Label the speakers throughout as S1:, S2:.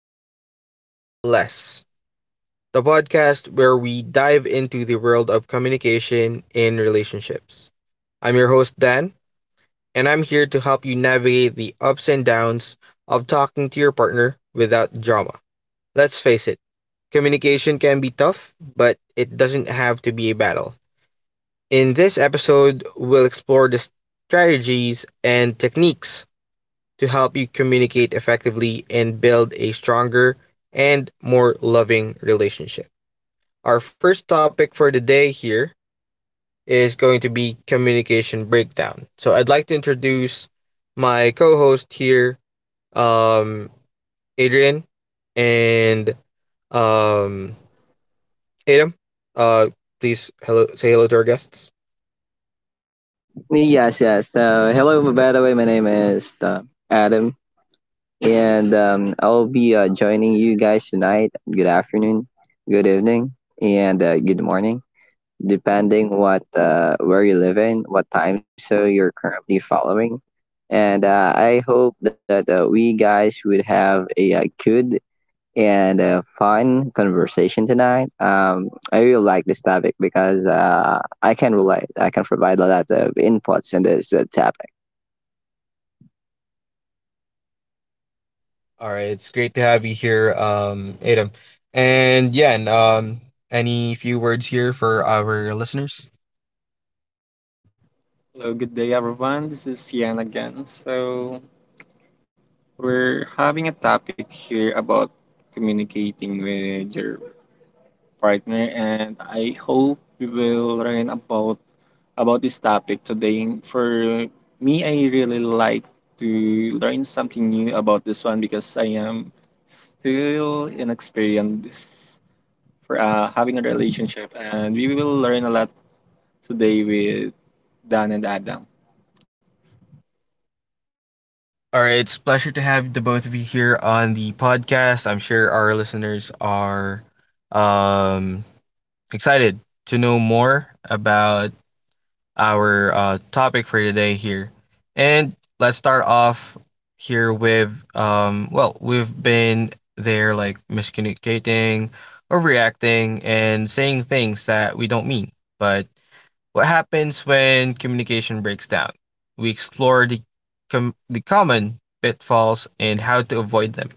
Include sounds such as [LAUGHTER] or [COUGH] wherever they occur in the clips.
S1: More, Yell Less, the podcast where we dive into the world of communication in relationships. I'm your host, Dan, and I'm here to help you navigate the ups and downs of talking to your partner without drama. Let's face it, communication can be tough, but it doesn't have to be a battle. In this episode, we'll explore the strategies and techniques to help you communicate effectively and build a stronger and more loving relationship. Our first topic for the day here is going to be communication breakdown. So I'd like to introduce my co-host here, um, Adrian and um, Adam. Uh, Please hello, say hello to our guests.
S2: Yes, yes. So, hello, by the way, my name is Adam, and I'll be joining you guys tonight. Good afternoon, good evening, and good morning, depending what where you live in, what time zone you're currently following. And I hope that we guys would have a, good and fun conversation tonight. I really like this topic because I can relate. I can provide a lot of inputs in this topic.
S1: All right, it's great to have you here, Adam. And yeah, and any few words here for our listeners?
S3: Hello, good day everyone. This is Sian again. So, we're having a topic here about communicating with your partner and I hope we will learn about this topic today. For me, I really like to learn something new about this one because I am still inexperienced for having a relationship and we will learn a lot today with Dan and Adam.
S1: All right, it's a pleasure to have the both of you here on the podcast. I'm sure our listeners are um, excited to know more about our topic for today here. And let's start off here with well, we've been there like miscommunicating, overreacting, and saying things that we don't mean. But what happens when communication breaks down? We explore the common pitfalls and how to avoid them.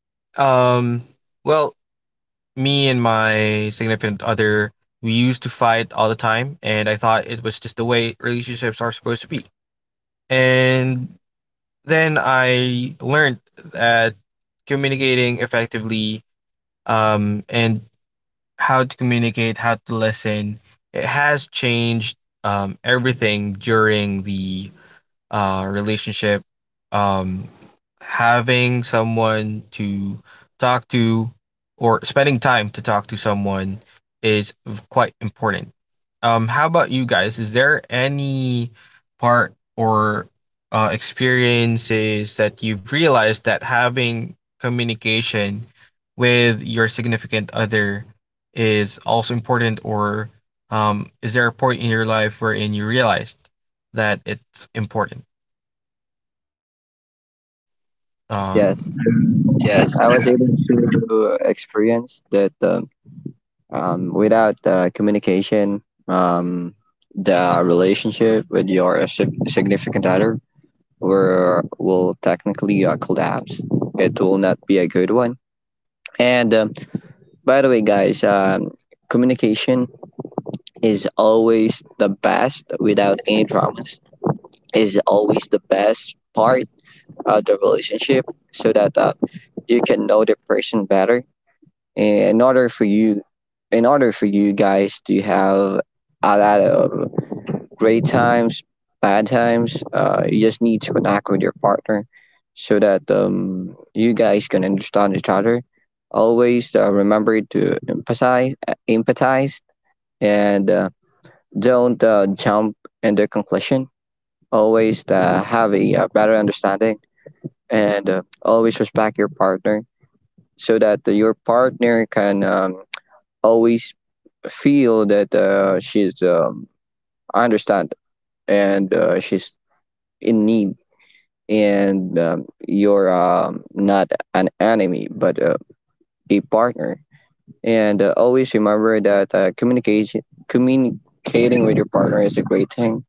S1: Um, well, me and my significant other, we used to fight all the time, and I thought it was just the way relationships are supposed to be. And then I learned that communicating effectively and how to communicate, how to listen. It has changed everything during the relationship, um, having someone to talk to or spending time to talk to someone is quite important. How about you guys? Is there any part or experiences that you've realized that having communication with your significant other is also important, or is there a point in your life wherein you realized that it's important?
S2: Yes, yes.
S1: Um,
S2: I was
S1: Yes.
S2: able to experience that without communication, um, the relationship with your significant other will technically collapse. It will not be a good one. And by the way, guys, communication is always the best without any dramas, is always the best part of the relationship so that you can know the person better in order for you in order for you guys to have a lot of great times bad times, you just need to connect with your partner so that you guys can understand each other. Always remember to empathize, and don't jump into conclusion. Always have a, better understanding, and always respect your partner so that your partner can always feel that she's, I understand, and she's in need, and you're, not an enemy but a partner. And always remember that communication communicating with your partner is a great thing.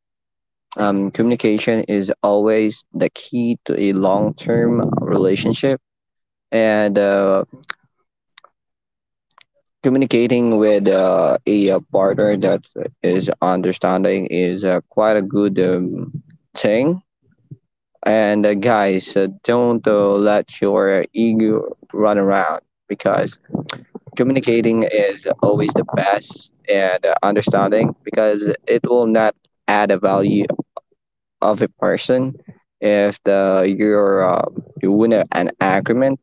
S2: Communication is always the key to a long-term relationship, and communicating with a, partner that is understanding is quite a good thing. And guys, don't let your ego run around, because communicating is always the best and understanding, because it will not add a value of a person if the you're you win an agreement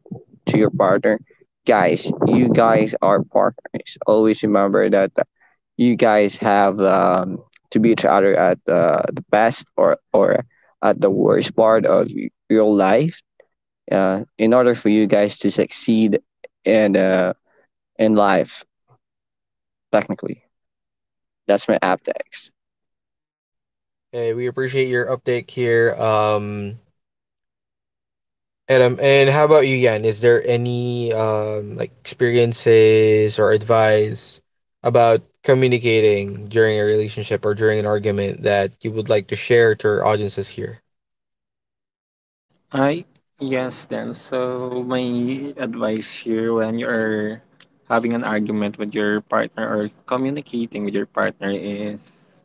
S2: to your partner. Guys, you guys are partners. Always remember that you guys have, to be each other at the best or at the worst part of your life, in order for you guys to succeed in uh, in life, technically. That's my aptex.
S1: Hey, we appreciate your update here, Adam. And how about you, Yan? Is there any like experiences or advice about communicating during a relationship or during an argument that you would like to share to our audiences here?
S3: I Yes then. So my advice here when you're having an argument with your partner or communicating with your partner is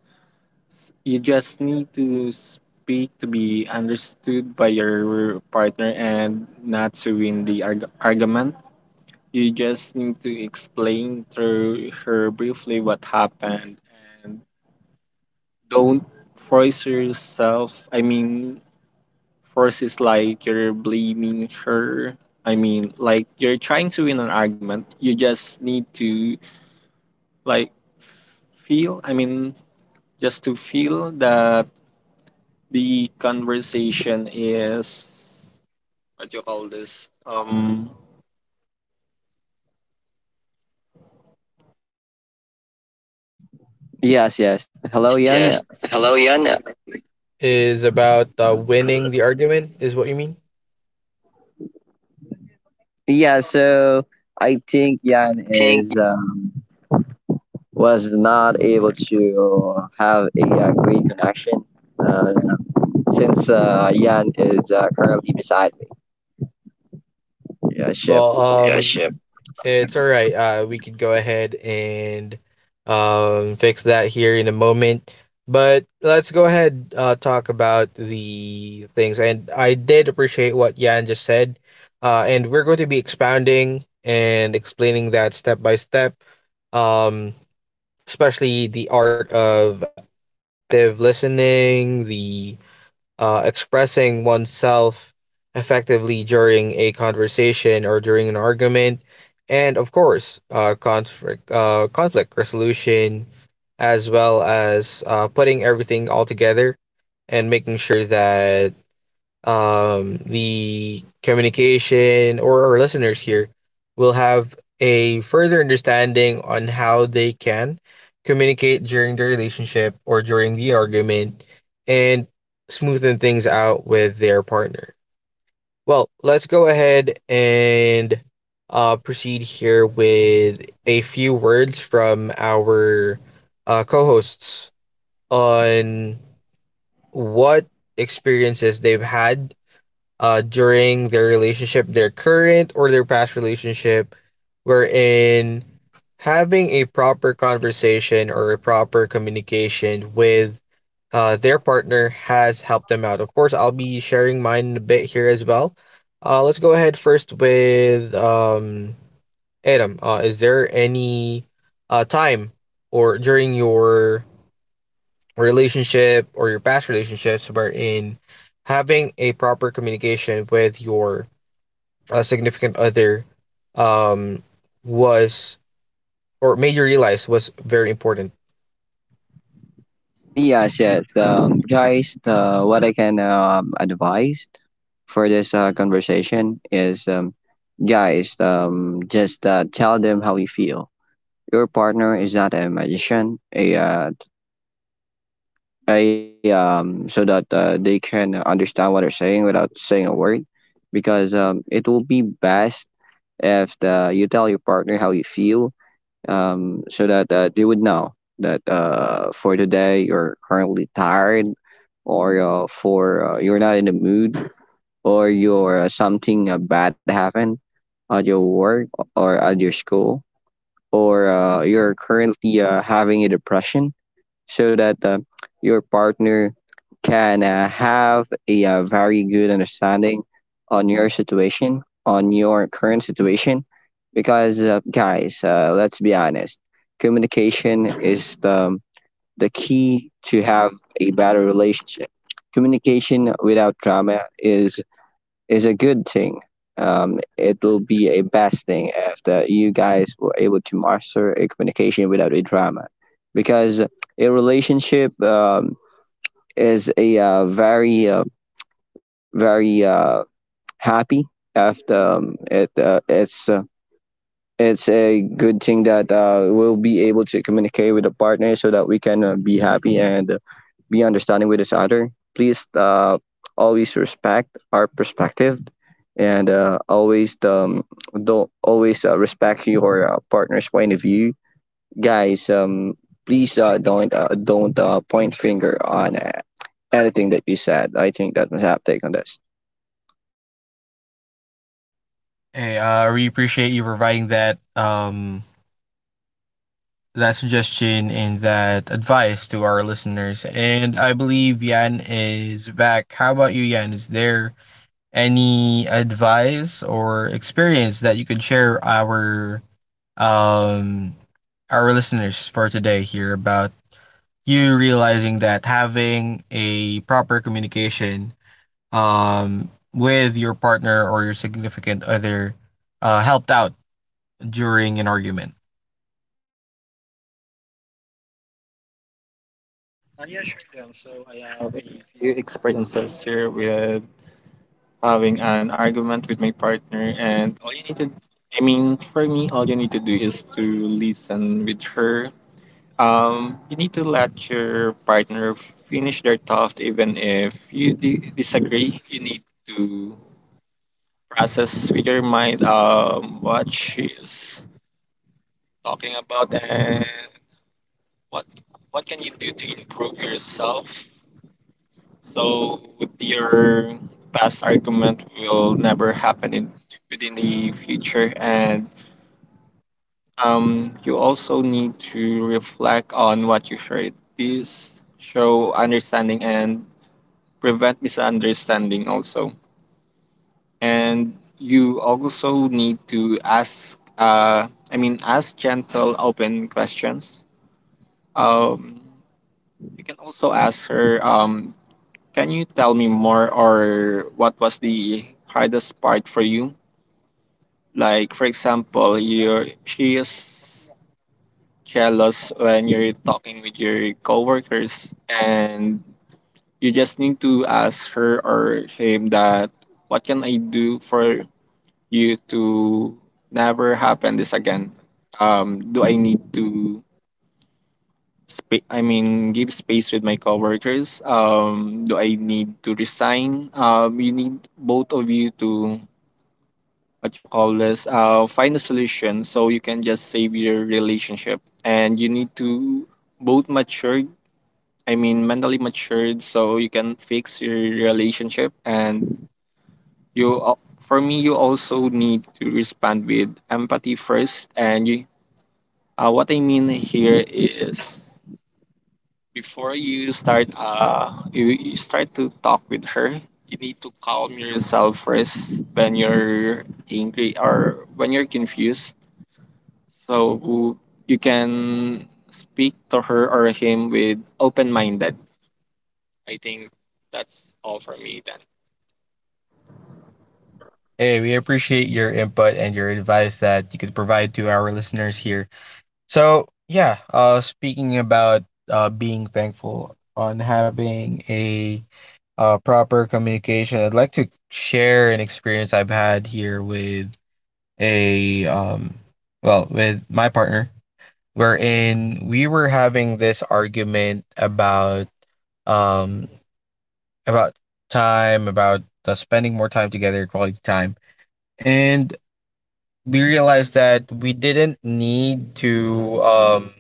S3: you just need to speak to be understood by your partner and not to win the argument. You just need to explain to her briefly what happened and don't force yourself. I mean, first is like you're blaming her. I mean, like you're trying to win an argument. You just need to, like, feel, I mean, just to feel that the conversation is what you call this? What you call this? The
S2: Yes, yes, hello,
S3: Gagawin ko
S2: Yan.
S1: Yes.
S3: dito, pre.
S1: Hello, Yan. Is
S3: May katawag
S1: about
S3: na lang.
S1: winning the argument, is what you mean?
S3: Wala si ano, pre. Grabe katawag
S2: Yeah,
S3: sa kon.
S2: so I think
S1: I
S2: Yan
S1: think.
S2: is was not able
S3: Hello?
S2: to have a, great connection, uh, since Yan is currently beside me. Yeah, sure.
S1: Well, yeah,
S3: Oy.
S1: shit. It's all right. We could go ahead and fix that here in a moment. But let's go ahead talk about the things. And I did appreciate what Yan just said. And we're going to be expounding and explaining that step by step, um, especially the art of active listening, the expressing oneself effectively during a conversation or during an argument, and of course, conflict resolution, as well as putting everything all together and making sure that the communication or our listeners here will have a further understanding on how they can communicate during the relationship or during the argument and smoothen things out with their partner. Well, let's go ahead and proceed here with a few words from our co hosts on what experiences they've had during their relationship, their current or their past relationship, wherein having a proper conversation or a proper communication with their partner has helped them out. Of course, I'll be sharing mine a bit here as well. Let's go ahead first with Adam. Is there any time or during your relationship or your past relationships wherein having a proper communication with your a significant other um was or made you realize was very important?
S2: Yes, yes. Guys, what I can advise for this conversation is, guys, just tell them how you feel. Your partner is not a magician, a so that they can understand what they're saying without saying a word, because it will be best if you tell your partner how you feel, so that they would know that for today you're currently tired, or for you're not in the mood, or your something bad happened at your work or at your school, or you're currently having a depression, so that your partner can have a very good understanding on your situation, on your current situation. Because, guys, let's be honest, communication is the key to have a better relationship. Communication without drama is a good thing. It will be a best thing after you guys were able to master a communication without a drama, because a relationship, is a very, very uh, happy after, it's a good thing that we'll be able to communicate with a partner so that we can be happy and be understanding with each other. Please always respect our perspective, and always, don't always respect your partner's point of view. Guys, please don't point finger on anything that you said. I think that's my take on this.
S1: Hey, I we appreciate you providing that that suggestion and that advice to our listeners. And I believe Yan is back. How about you, Yan? Is there any advice or experience that you could share um our listeners for today here about you realizing that having a proper communication with your partner or your significant other helped out during an argument?
S3: Yeah, sure, Dan. So I have a few experiences here with having an argument with my partner, and all you need to, I mean, for me, all you need to do is to listen with her. You need to let your partner finish their thought, even if you disagree. You need to process with your mind what she is talking about and what what can you do to improve yourself. So your past argument will never happen in within the future, and you also need to reflect on what you heard. This show understanding and prevent misunderstanding also, and you also need to ask. I mean, ask gentle, open questions. Um, you can also ask her. Can you tell me more or what was the hardest part for you? Like for example, you're she is jealous when you're talking with your coworkers and you just need to ask her or him that what can I do for you to never happen this again? Do I need to I mean, give space with my coworkers. Do I need to resign? You need both of you to what you call this. Find a solution so you can just save your relationship, and you need to both mature. I mean, mentally matured, so you can fix your relationship. And for me, you also need to respond with empathy first. And what I mean here is before you start you start to talk with her, you need to calm yourself first when you're angry or when you're confused, so you can speak to her or him with open-minded. I think that's all for me then.
S1: Hey, we appreciate your input and your advice that you could provide to our listeners here. So, yeah, speaking about being thankful on having a proper communication. I'd like to share an experience I've had here with a well, with my partner, wherein we were having this argument um about time, about spending more time together, quality time, and we realized that we didn't need to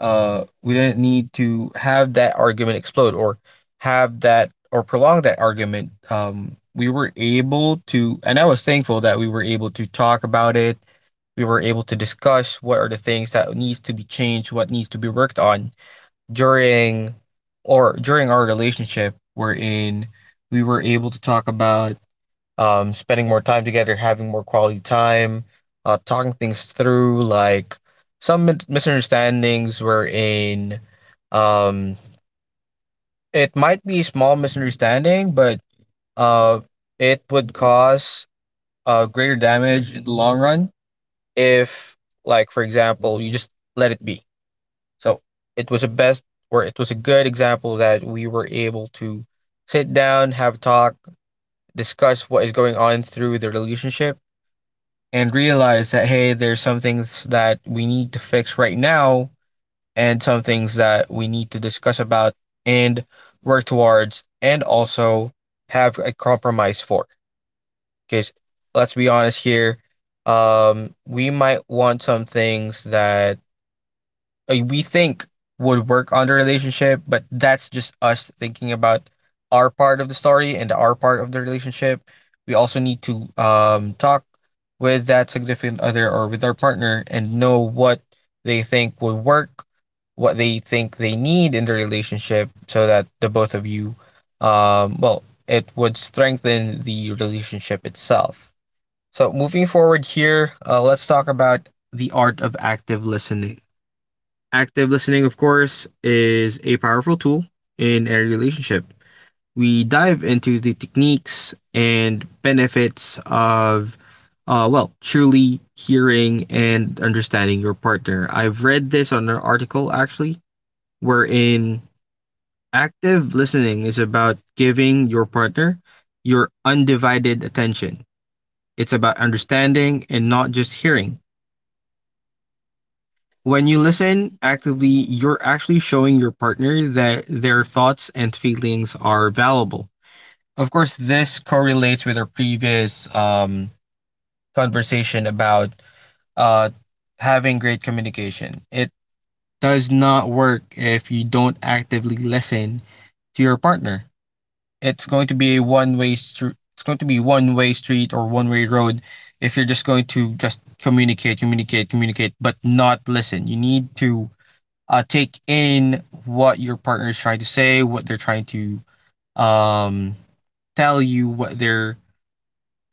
S1: we didn't need to have that argument explode or have that or prolong that argument. We were able to, and I was thankful that we were able to talk about it. We were able to discuss what are the things that needs to be changed, what needs to be worked on during during our relationship, wherein we were able to talk about spending more time together, having more quality time, talking things through, like some misunderstandings were in. Um, it might be a small misunderstanding, but uh, it would cause greater damage in the long run if, like, for example, you just let it be. So it was a best or it was a good example that we were able to sit down, have a talk, discuss what is going on through the relationship and realize that hey, there's some things that we need to fix right now and some things that we need to discuss about and work towards and also have a compromise for. Because let's be honest here, we might want some things that we think would work on the relationship, but that's just us thinking about our part of the story and our part of the relationship. We also need to talk with that significant other or with our partner and know what they think would work, what they think they need in the relationship, so that the both of you, well, it would strengthen the relationship itself. So, moving forward here, let's talk about the art of active listening. Active listening, of course, is a powerful tool in a relationship. We dive into the techniques and benefits of, well, truly hearing and understanding your partner. I've read this on an article actually, wherein active listening is about giving your partner your undivided attention. It's about understanding and not just hearing. When you listen actively, you're actually showing your partner that their thoughts and feelings are valuable. Of course, this correlates with our previous conversation about uh, having great communication. It does not work if you don't actively listen to your partner. It's going to be a one-way street. It's going to be one-way street or one-way road if you're just going to just communicate, communicate, communicate, but not listen. You need to take in what your partner is trying to say, what they're trying to um, tell you, what their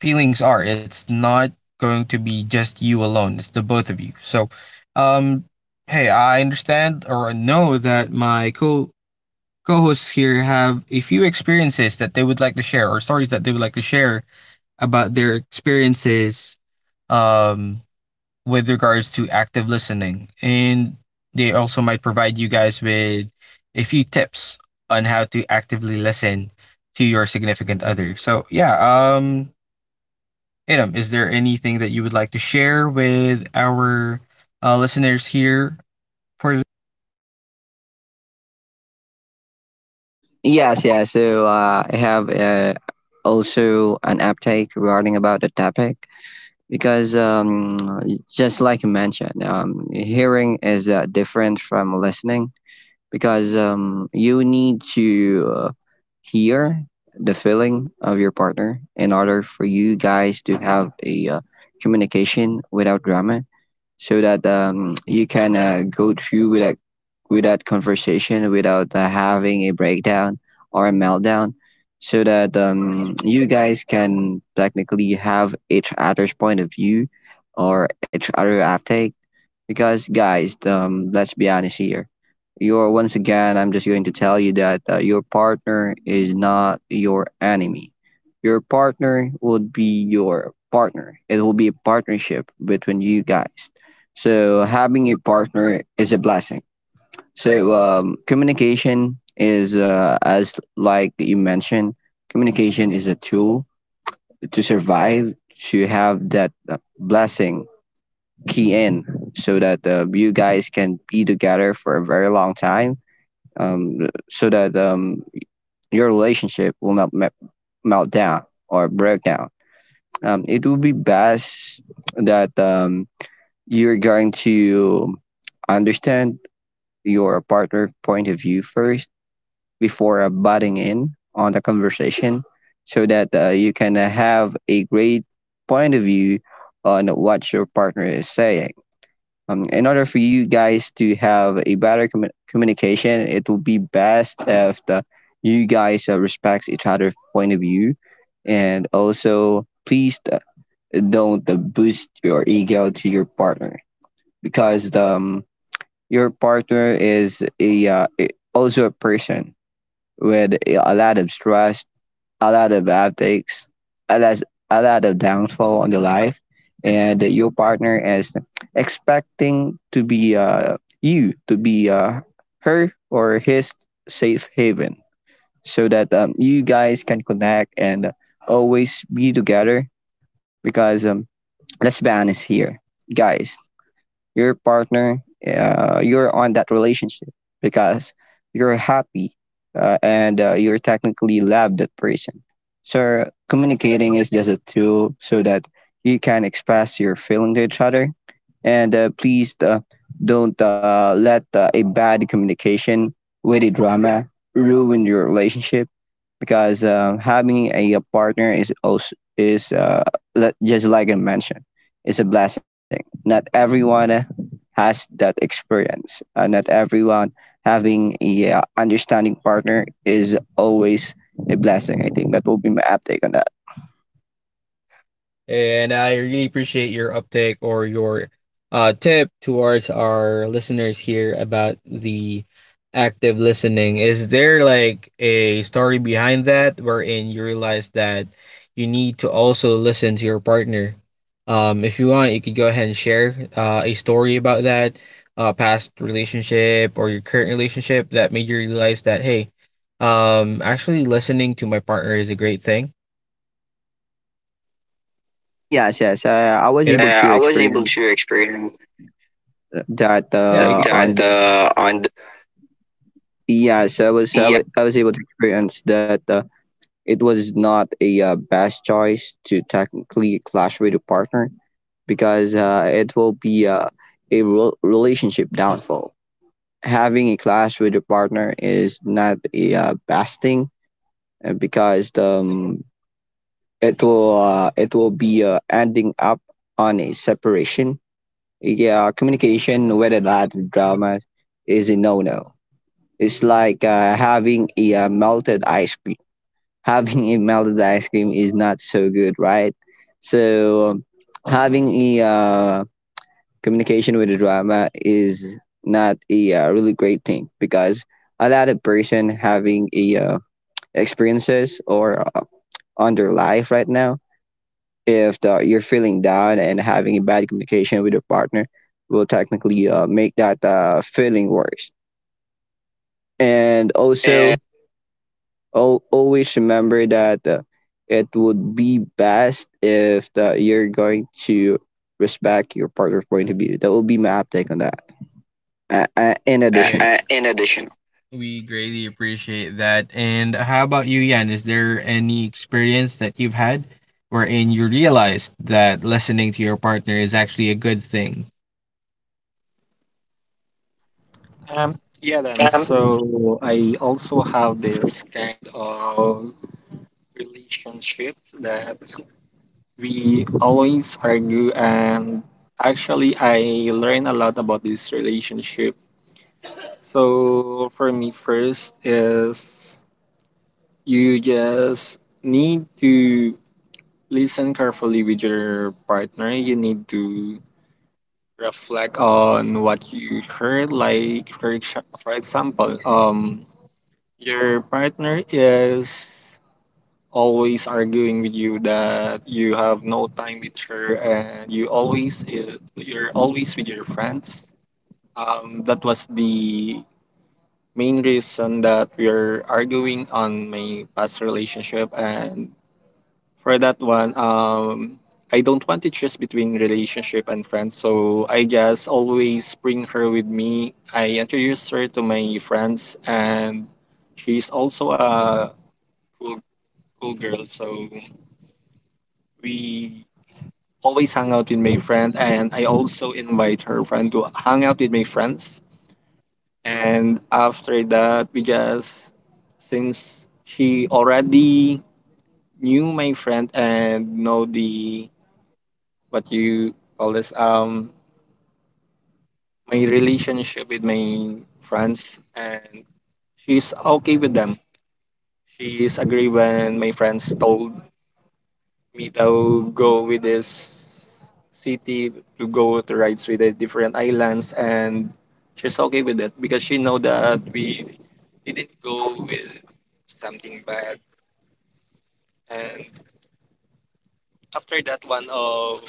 S1: feelings are. It's not going to be just you alone, it's the both of you. So, um, hey, I understand or know that my co co-hosts here have a few experiences that they would like to share or stories that they would like to share about their experiences um with regards to active listening. And they also might provide you guys with a few tips on how to actively listen to your significant other. So yeah, um Adam, is there anything that you would like to share with our listeners here for
S2: Yes, yeah. So I have also an uptake regarding about the topic, because just like you mentioned, hearing is different from listening, because you need to hear the feeling of your partner in order for you guys to have a communication without drama, so that you can go through with that conversation without having a breakdown or a meltdown, so that you guys can technically have each other's point of view or each other uptake, because, guys, let's be honest here. You're, once again, I'm just going to tell you that your partner is not your enemy. Your partner would be your partner. It will be a partnership between you guys. So having a partner is a blessing. So communication is, as like you mentioned, communication is a tool to survive, to have that blessing key in, so that you guys can be together for a very long time, so that your relationship will not melt down or break down. It would be best that you're going to understand your partner point of view first before butting in on the conversation, so that you can have a great point of view on what your partner is saying. In order for you guys to have a better communication, it will be best if you guys respects each other's point of view, and also please don't boost your ego to your partner, because your partner is a, also a person with a lot of stress, a lot of uptakes, a lot, a lot of downfall on the life, and your partner is expecting to be you to be her or his safe haven, so that you guys can connect and always be together. Because let's be honest here, guys, your partner, you're on that relationship because you're happy, and you're technically love that person. So communicating is just a tool so that you can express your feeling to each other. And please don't let a bad communication with a drama ruin your relationship, because having a partner is also is just like I mentioned, it's a blessing. Not everyone has that experience. Not everyone having a understanding partner is always a blessing. I think that will be my uptake on that.
S1: And I really appreciate your uptake or your tip towards our listeners here about the active listening. Is there like a story behind that wherein you realize that you need to also listen to your partner? If you want, you could go ahead and share a story about that past relationship or your current relationship that made you realize that, hey, actually listening to my partner is a great thing,
S2: Yes, yes, I was
S1: you know?
S2: able to
S1: I was able
S2: experience
S1: to experience.
S2: that.
S1: Yeah, that
S2: Yes,
S1: yeah,
S2: I was able to experience that. It was not a best choice to technically clash with a partner, because it will be a relationship downfall. Having a clash with a partner is not a best thing, because it will be ending up on a separation. Yeah, communication whether that drama is a no-no. It's like having a melted ice cream. [LAUGHS] Having a melted ice cream is not so good, right? So having a, communication with the drama is not a really great thing, because a lot of person having a experiences or on their life right now, if you're feeling down and having a bad communication with your partner will technically make that feeling worse. And
S1: and,
S2: also always remember that it would be best if you're going to respect your partner's point of view. That will be my uptake on that, in addition.
S1: Yeah. In addition. We greatly appreciate that. And how about you, Yan? Is there any experience that you've had wherein you realized that listening to your partner is actually a good thing?
S3: um yeah then,
S1: Um,
S3: so I also have this kind of relationship that we always argue, and actually, I learn a lot about this relationship. So, for me, first is you just need to listen carefully with your partner. You need to reflect on what you heard. Like, for example, your partner is always arguing with you that you have no time with her and you always you're always with your friends. That was the main reason that we're arguing on my past relationship, and for that one, I don't want to choose between relationship and friends, so I just always bring her with me. I introduce her to my friends, and she's also a cool, cool girl, so we always hang out with my friend, and I also invite her friend to hang out with my friends. And after that we just, since she already knew my friend and know the what you call this, my relationship with my friends, and she's okay with them. She's agree when my friends told meet I'll go with this city to go to rides with the different islands, and she's okay with it because she know that we didn't go with something bad. And after that, one of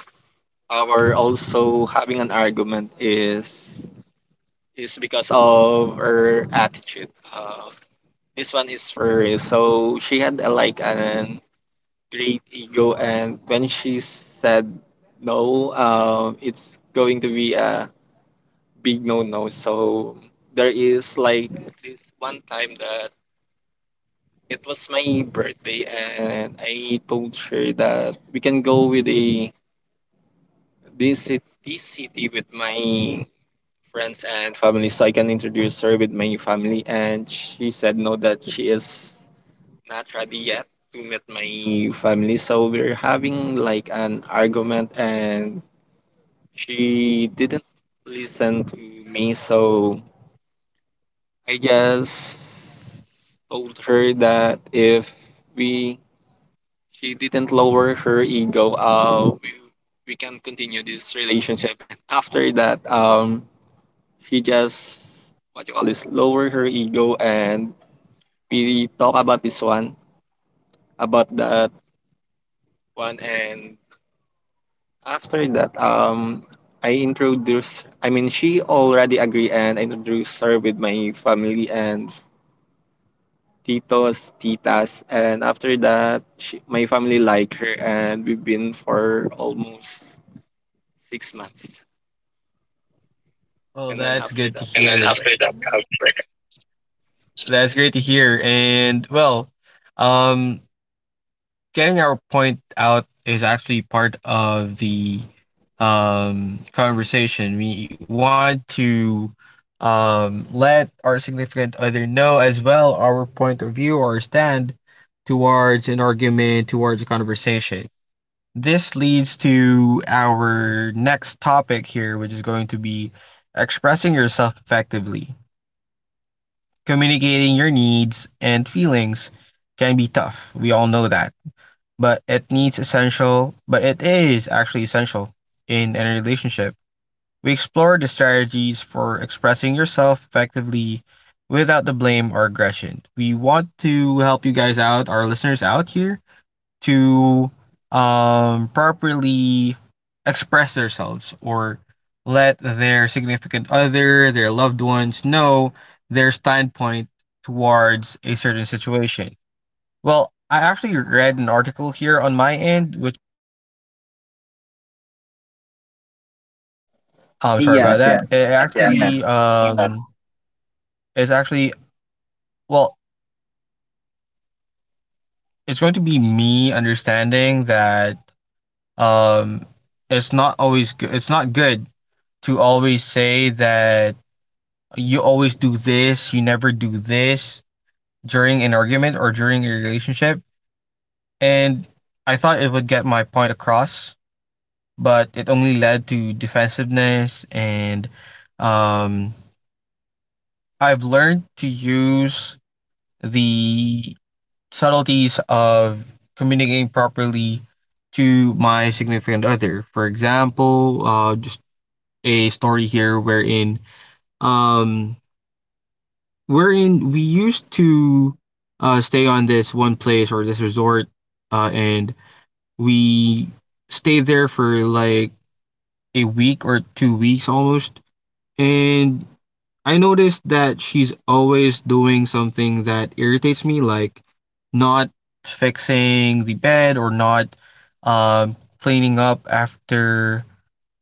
S3: our also having an argument is because of her attitude. uh, this one is for, so she had a, like, an great ego, and when she said no, it's going to be a big no no. So there is like this one time that it was my birthday, and I told her that we can go with this city with my friends and family so I can introduce her with my family, and she said no, that she is not ready yet to meet my family. So we're having like an argument, and she didn't listen to me. So I just told her that if we she didn't lower her ego, we can continue this relationship. [LAUGHS] And after that, she just what you call this lower her ego, and we talk about this one about that one. And after that, I introduced. I mean, she already agreed, and I introduced her with my family and titos, titas, and after that, my family like her, and we've been for almost 6 months.
S1: Well,
S3: And then
S1: that's
S3: after
S1: good to
S3: that,
S1: and hear.
S3: I have
S1: And then after
S3: breakup.
S1: that, I'll break up. That's great to hear. And well, um, getting our point out is actually part of the conversation. We want to let our significant other know as well our point of view or stand towards an argument, towards a conversation. This leads to our next topic here, which is going to be expressing yourself effectively. Communicating your needs and feelings can be tough. We all know that but it needs essential, but it is actually essential in any relationship. We explore the strategies for expressing yourself effectively without the blame or aggression. We want to help you guys out, our listeners out here, to properly express themselves or let their significant other, their loved ones know their standpoint towards a certain situation. Well, I actually read an article here on my end, which I'm sorry about
S2: Yes, yes,
S1: that. It yeah.
S2: yeah.
S1: Actually um it's actually well, it's going to be me understanding that um it's not always good, it's not good to always say that you always do this, you never do this during an argument or during a relationship. And I thought it would get my point across, but it only led to defensiveness. And um I've learned to use the subtleties of communicating properly to my significant other. For example, just a story here um, wherein we used to stay on this one place or this resort, and we stayed there for like a week or 2 weeks almost. And I noticed that she's always doing something that irritates me, like not fixing the bed or not cleaning up after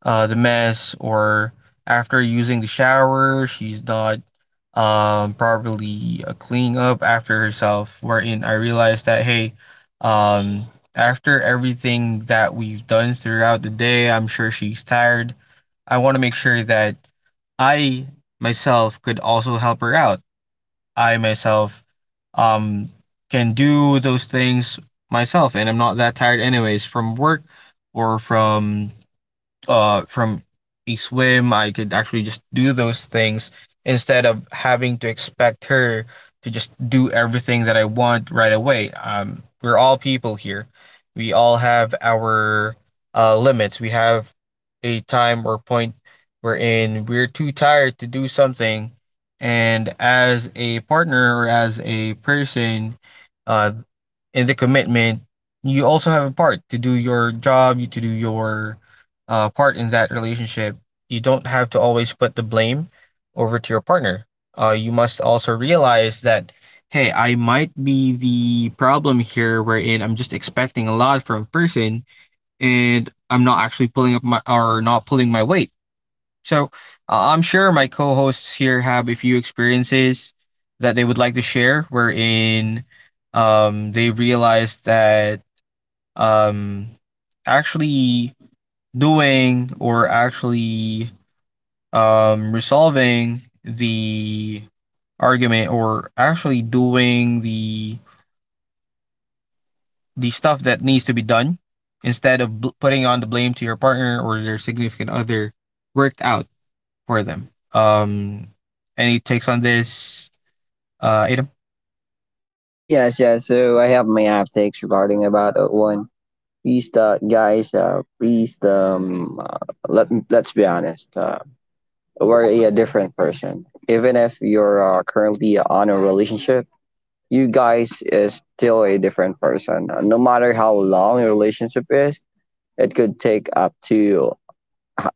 S1: the mess or after using the shower. She's not properly cleaning up after herself, wherein I realized that, hey, um, after everything that we've done throughout the day, I'm sure she's tired. I want to make sure that I myself could also help her out. I myself um can do those things myself, and I'm not that tired anyways from work or from a swim. I could actually just do those things instead of having to expect her to just do everything that I want right away. We're all people here. We all have our limits. We have a time or point wherein we're too tired to do something. And as a partner or as a person, uh, in the commitment, you also have a part to do your job, you to do your part in that relationship. You don't have to always put the blame over to your partner. You must also realize that, hey, I might be the problem here, wherein I'm just expecting a lot from a person, and I'm not actually pulling up my or not pulling my weight. So I'm sure my co-hosts here have a few experiences that they would like to share, wherein they realized that um, actually doing or actually resolving the argument or actually doing the stuff that needs to be done instead of putting on the blame to your partner or your significant other worked out for them. Any takes on this? Adam.
S2: Yes, yes. So I have my uptakes regarding about that one. Please, guys, please, let's be honest. Were a different person. Even if you're currently on a relationship, you guys is still a different person. No matter how long your relationship is, it could take up to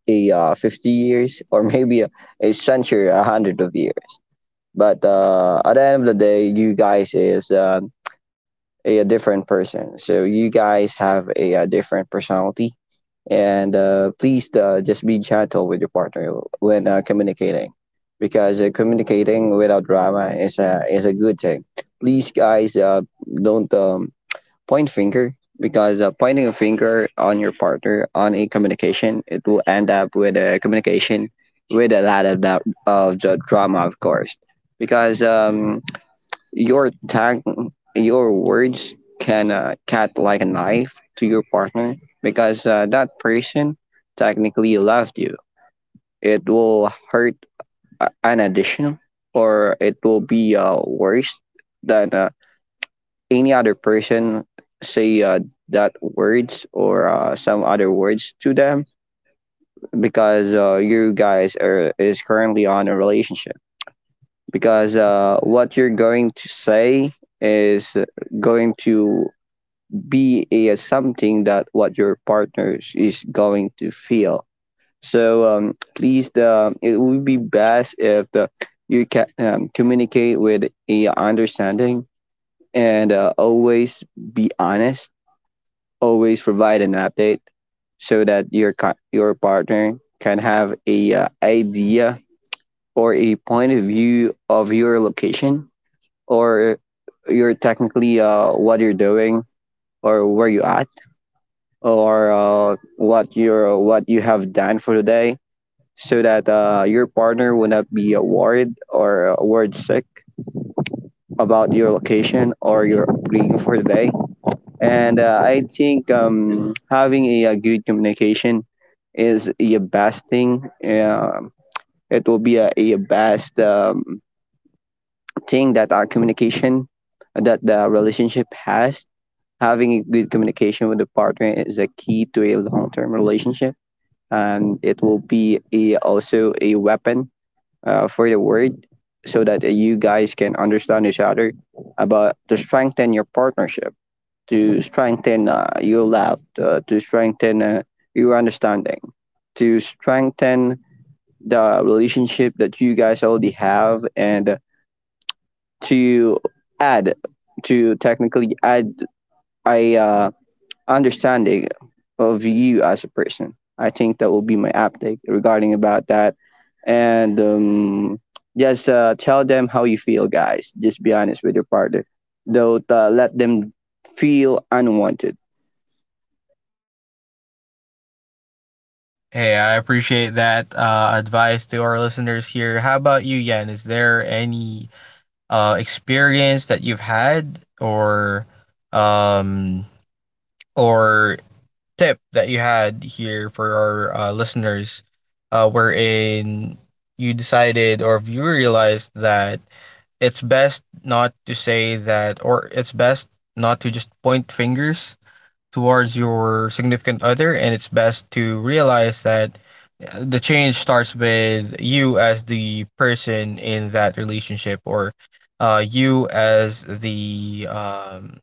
S2: a 50 years or [LAUGHS] maybe a century, a hundred of years. But at the end of the day, you guys is a different person. So you guys have a different personality, and please just be gentle with your partner when communicating, because communicating without drama is a good thing. Please guys don't point finger, because pointing a finger on your partner on a communication, it will end up with a communication with a lot of that of the drama, of course, because your tag, your words can cut like a knife to your partner, because that person technically loved you. It will hurt a- an additional, or it will be worse than any other person say that words or some other words to them because you guys are is currently on a relationship because what you're going to say is going to be a something that what your partner is going to feel. So please, the it would be best if the you can communicate with a understanding and always be honest. Always provide an update so that your partner can have a idea or a point of view of your location or your technically what you're doing or where you are or what you have done for the day so that your partner will not be worried or worried sick about your location or your upbringing for the day. And I think having a good communication is a best thing. It will be a best thing that our communication that the relationship has. Having a good communication with the partner is a key to a long-term relationship, and it will be also a weapon for the word so that you guys can understand each other about to strengthen your partnership, to strengthen your love, to strengthen your understanding, to strengthen the relationship that you guys already have, and to add, to technically add a understanding of you as a person. I think that will be my update regarding about that, and just tell them how you feel, guys. Just be honest with your partner. Don't let them feel unwanted.
S1: Hey, I appreciate that advice to our listeners here. How about you, Yan? Is there any experience that you've had, um, or tip that you had here for our listeners, wherein you decided or if you realized that it's best not to say that, or it's best not to just point fingers towards your significant other, and it's best to realize that the change starts with you as the person in that relationship, or you as the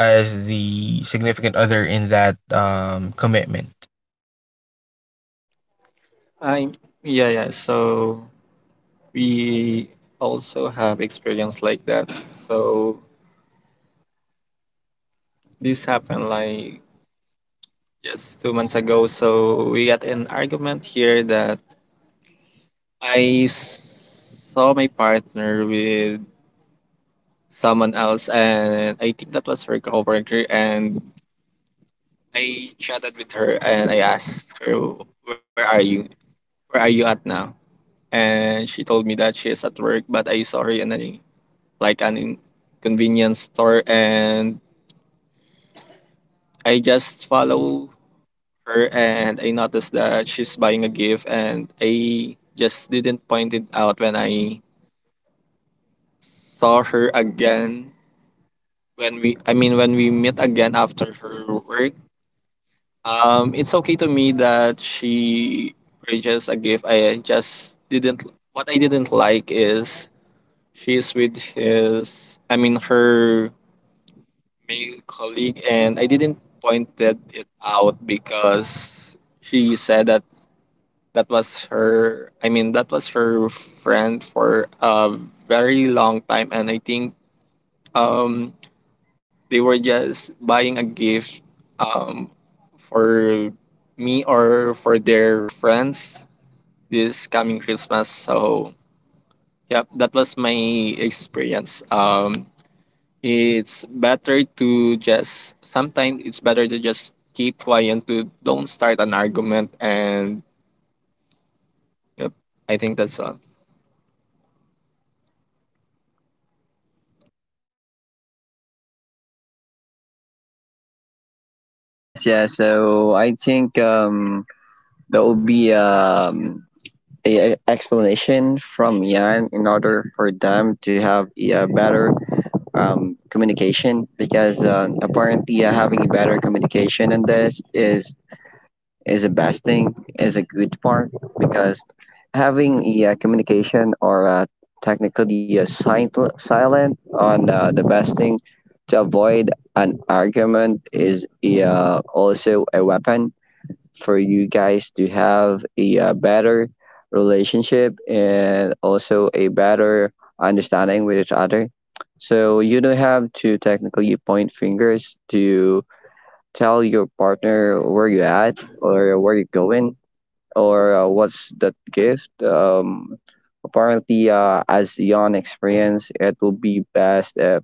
S1: as the significant other in that commitment.
S3: I Yeah, yeah. So we also have experience like that. So this happened like just 2 months ago. So we got an argument here that I saw my partner with someone else, and I think that was her coworker. And I chatted with her, and I asked her, "Where are you? Where are you at now?" And she told me that she is at work, but I saw her in a like an convenience store, and I just follow her, and I noticed that she's buying a gift, and I just didn't point it out when I saw her again, when we I mean, when we meet again after her work. It's okay to me that she purchased a gift. I just didn't, what I didn't like is she's with his, I mean, her male colleague, and I didn't pointed it out because she said that that was her, I mean, that was her friend for a very long time. And I think um they were just buying a gift, um, for me or for their friends this coming Christmas. So, yep, that was my experience. It's better to just, sometimes it's better to just keep quiet, to don't start an argument. And, yep, I think that's all.
S2: Yes, yes. So I think that will be a explanation from Yan in order for them to have a better communication because apparently having a better communication in this is a best thing, is a good part because having a communication or technically a silent on the best thing to avoid an argument is also a weapon for you guys to have a better relationship and also a better understanding with each other. So you don't have to technically point fingers to tell your partner where you're at or where you're going or what's that gift. Apparently, as young experience, it will be best if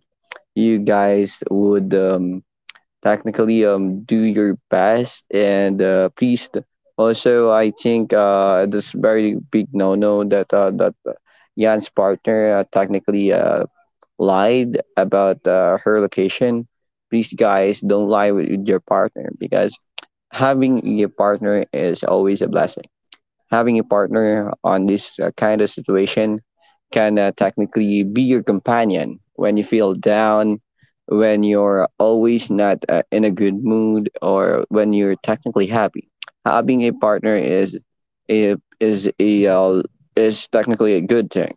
S2: you guys would technically do your best, and please also I think this very big no no that Jan's partner technically lied about her location. Please guys don't lie with your partner because having a partner is always a blessing. Having a partner on this kind of situation can technically be your companion when you feel down, when you're always not in a good mood, or when you're technically happy. Having a partner is is a is technically a good thing.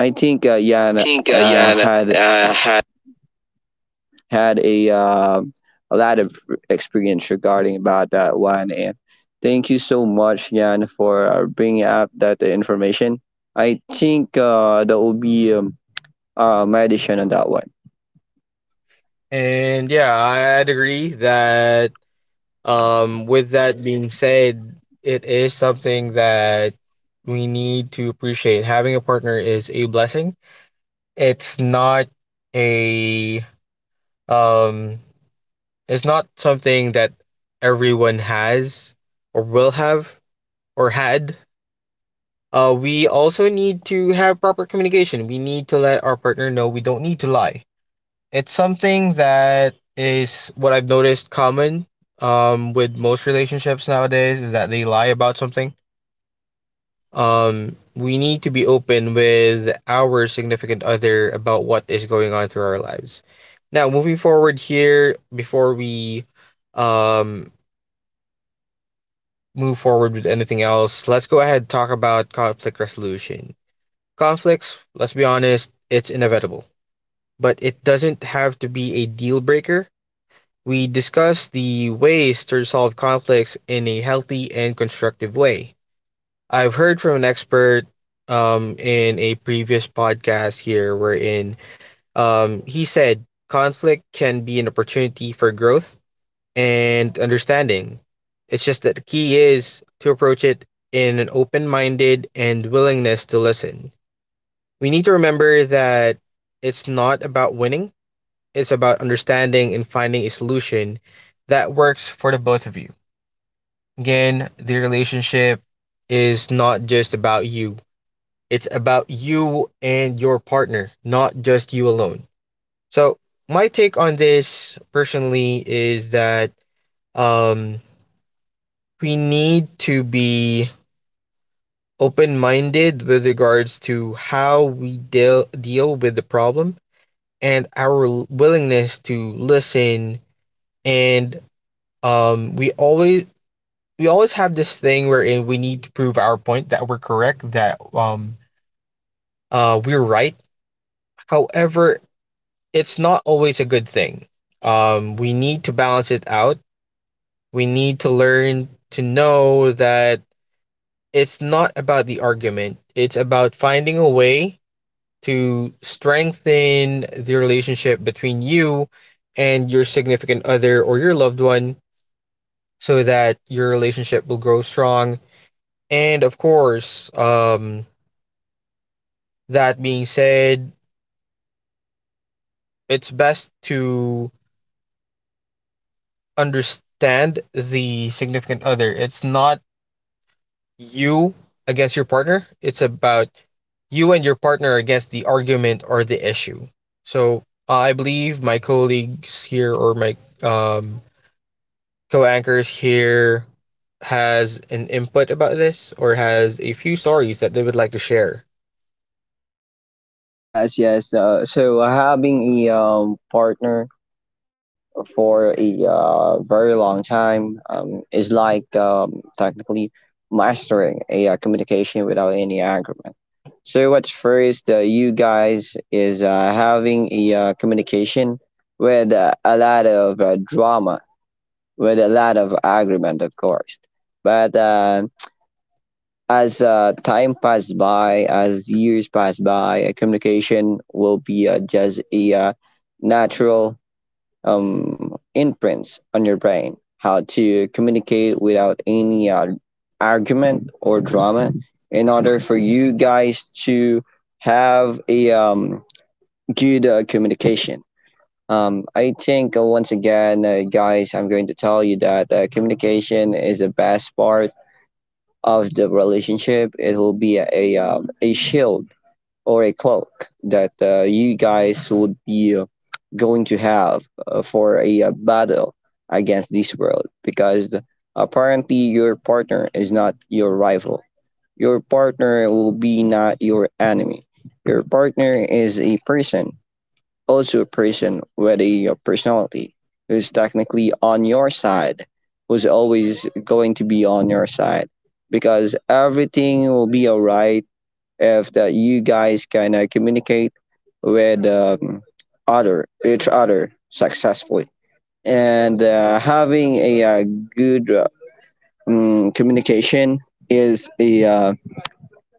S2: I think
S1: I
S2: Jan
S1: think Jan
S2: had
S1: had
S2: had a lot of experience regarding about that one. And thank you so much, Jan, for bringing up that information. I think that will be my addition on that one.
S1: that one. And yeah, I'd agree that, um, with that being said, it is something that we need to appreciate. Having a partner is a blessing. It's not a um it's not something that everyone has or will have or had. We also need to have proper communication. We need to let our partner know we don't need to lie. It's something that is what I've noticed common with most relationships nowadays, is that they lie about something. We need to be open with our significant other about what is going on through our lives. Now, moving forward here, before we um move forward with anything else, let's go ahead and talk about conflict resolution. Conflicts, let's be honest, it's inevitable, but it doesn't have to be a deal breaker. We discuss the ways to resolve conflicts in a healthy and constructive way. I've heard from an expert in a previous podcast here, wherein he said conflict can be an opportunity for growth and understanding. It's just that the key is to approach it in an open minded and willingness to listen. We need to remember that it's not about winning, it's about understanding and finding a solution that works for the both of you. Again, the relationship is not just about you. It's about you and your partner, not just you alone. So, my take on this personally is that, um, we need to be open minded with regards to how we deal with the problem and our willingness to listen. And um, we always we always have this thing wherein we need to prove our point that we're correct, that we're right. However, it's not always a good thing. We need to balance it out. We need to learn to know that it's not about the argument, it's about finding a way to strengthen the relationship between you and your significant other or your loved one, so that your relationship will grow strong. And of course, that being said, it's best to understand the significant other. It's not you against your partner. It's about you and your partner against the argument or the issue. So I believe my colleagues here or my um, co-anchors here has an input about this or has a few stories that they would like to share.
S2: Yes, yes. So having a partner for a very long time is like technically mastering a communication without any agreement. So what's first, you guys is having a communication with a lot of drama, with a lot of agreement, of course. But as time passed by, as years pass by, communication will be just a natural imprints on your brain how to communicate without any argument or drama in order for you guys to have a good communication. I think, once again, guys, I'm going to tell you that communication is the best part of the relationship. It will be a shield or a cloak that you guys would be going to have for a battle against this world because apparently your partner is not your rival. Your partner will be not your enemy. Your partner is a person, also a person with a personality who's technically on your side, who's always going to be on your side because everything will be alright if that you guys can communicate with other each other successfully and having a good communication is a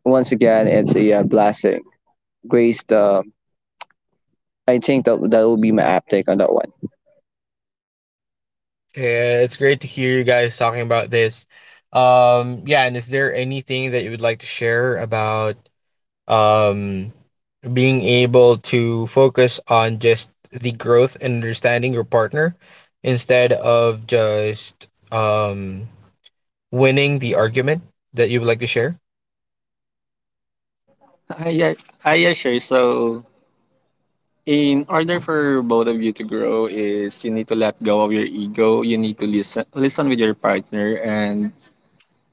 S2: once again, it's a blessing grace. I think that that will be my uptake on that one.
S1: Yeah, it's great to hear you guys talking about this. Yeah, and is there anything that you would like to share about um, being able to focus on just the growth and understanding your partner instead of just winning the argument, that you would like to share.
S3: Hi, yeah, hi, yeah, sure. So, in order for both of you to grow, is you need to let go of your ego. You need to listen, listen with your partner, and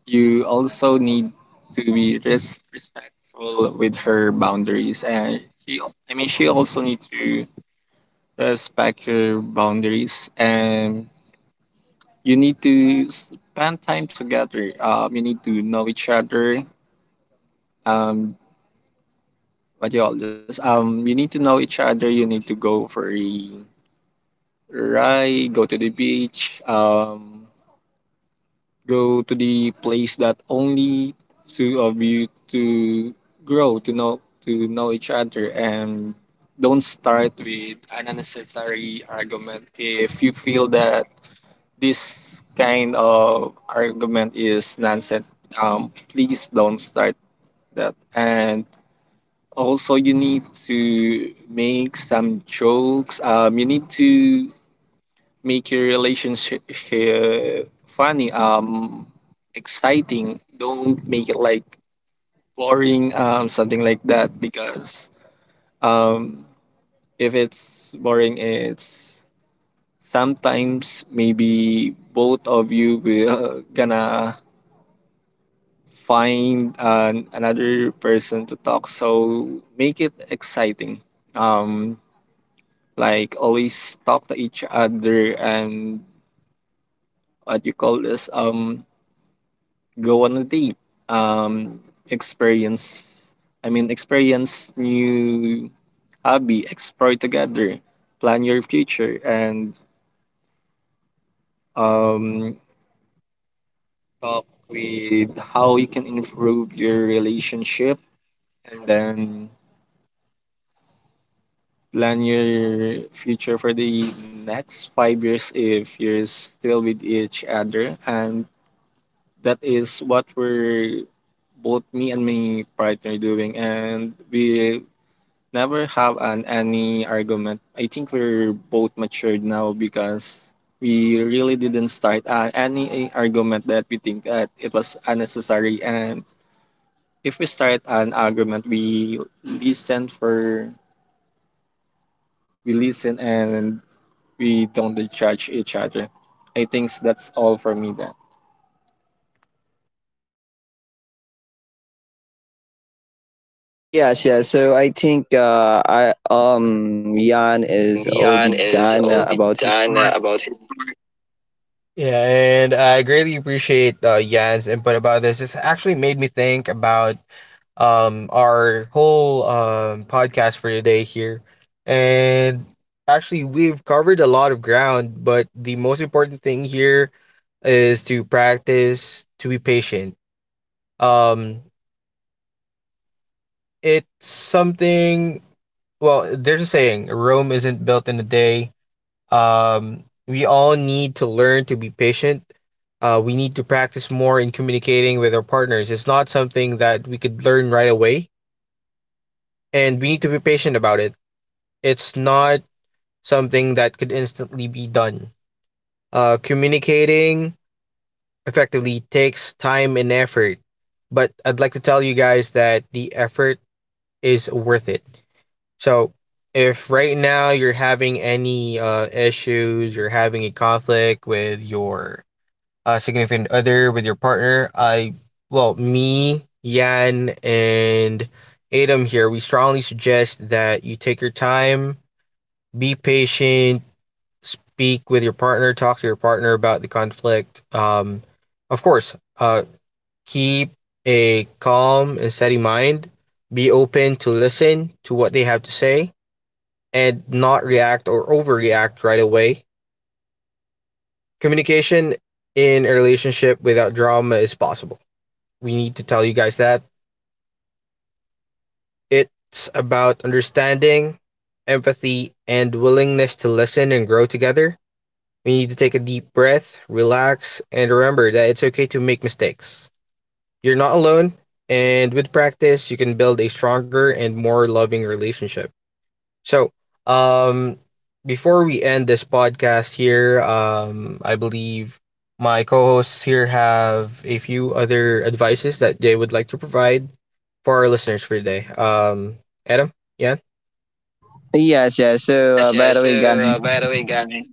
S3: you also need to be respectful with her boundaries. And I mean, she also needs to respect your boundaries, and you need to spend time together. You need to know each other. um what do you all this? You need to know each other. You need to go for a ride, go to the beach, go to the place that only two of you to grow, to know each other, and don't start with an unnecessary argument if you feel that this kind of argument is nonsense. Please don't start that. And also, you need to make some jokes. You need to make your relationship funny, exciting. Don't make it like boring, something like that. Because um, if it's boring, it's sometimes maybe both of you will gonna find another person to talk. So make it exciting. Um, like, always talk to each other, and what you call this, go on a date. Um, Experience. I mean, experience new hobby. Explore together. Plan your future, and um talk with how you can improve your relationship, and then plan your future for the next 5 years if you're still with each other. And that is what we're both, me and my partner, doing, and we never have an any argument. I think we're both matured now because we really didn't start any argument that we think that it was unnecessary. And if we start an argument, we listen for we listen, and we don't judge each other. I think that's all for me then.
S2: Yes, yes. So I think I Jan is already
S1: Jan is
S2: done
S1: already
S2: about it.
S1: done about it. Yeah, and I greatly appreciate Jan's input about this. It's actually made me think about our whole podcast for today here. And actually, we've covered a lot of ground, but the most important thing here is to practice to be patient. Um, it's something. Well, there's a saying: Rome isn't built in a day. We all need to learn to be patient. We need to practice more in communicating with our partners. It's not something that we could learn right away, and we need to be patient about it. It's not something that could instantly be done. Communicating effectively takes time and effort, but I'd like to tell you guys that the effort is worth it. So if right now you're having any issues, you're having a conflict with your significant other, with your partner, I, well, me, Yan, and Adam here, we strongly suggest that you take your time, be patient, speak with your partner, talk to your partner about the conflict. Of course, keep a calm and steady mind, be open to listen to what they have to say, and not react or overreact right away. Communication in a relationship without drama is possible. We need to tell you guys that. It's about understanding, empathy, and willingness to listen and grow together. We need to take a deep breath, relax, and remember that it's okay to make mistakes. You're not alone, and with practice, you can build a stronger and more loving relationship. So, um, before we end this podcast here, I believe my co-hosts here have a few other advices that they would like to provide for our listeners for today. Adam, yeah.
S2: Yes, yes. So
S1: Yes,
S2: by
S1: yes.
S2: the way, guys,
S1: So, by the way, Gami,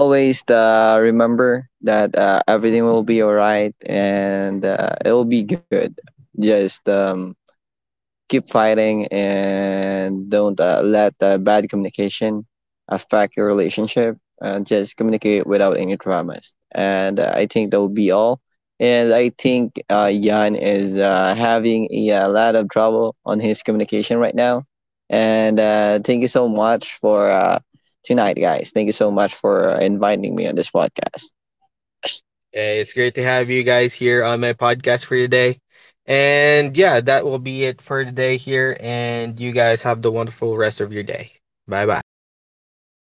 S2: always remember that everything will be all right and it'll be good. Just keep fighting and don't let bad communication affect your relationship. Just communicate without any dramas. And I think that will be all. And I think Jan is having a lot of trouble on his communication right now. And thank you so much for tonight, guys. Thank you so much for inviting me on this podcast.
S1: this podcast. Hey, it's great to have you guys here on my podcast for today. And yeah, that will be it for today here. And you guys have the wonderful rest of your day. Bye bye.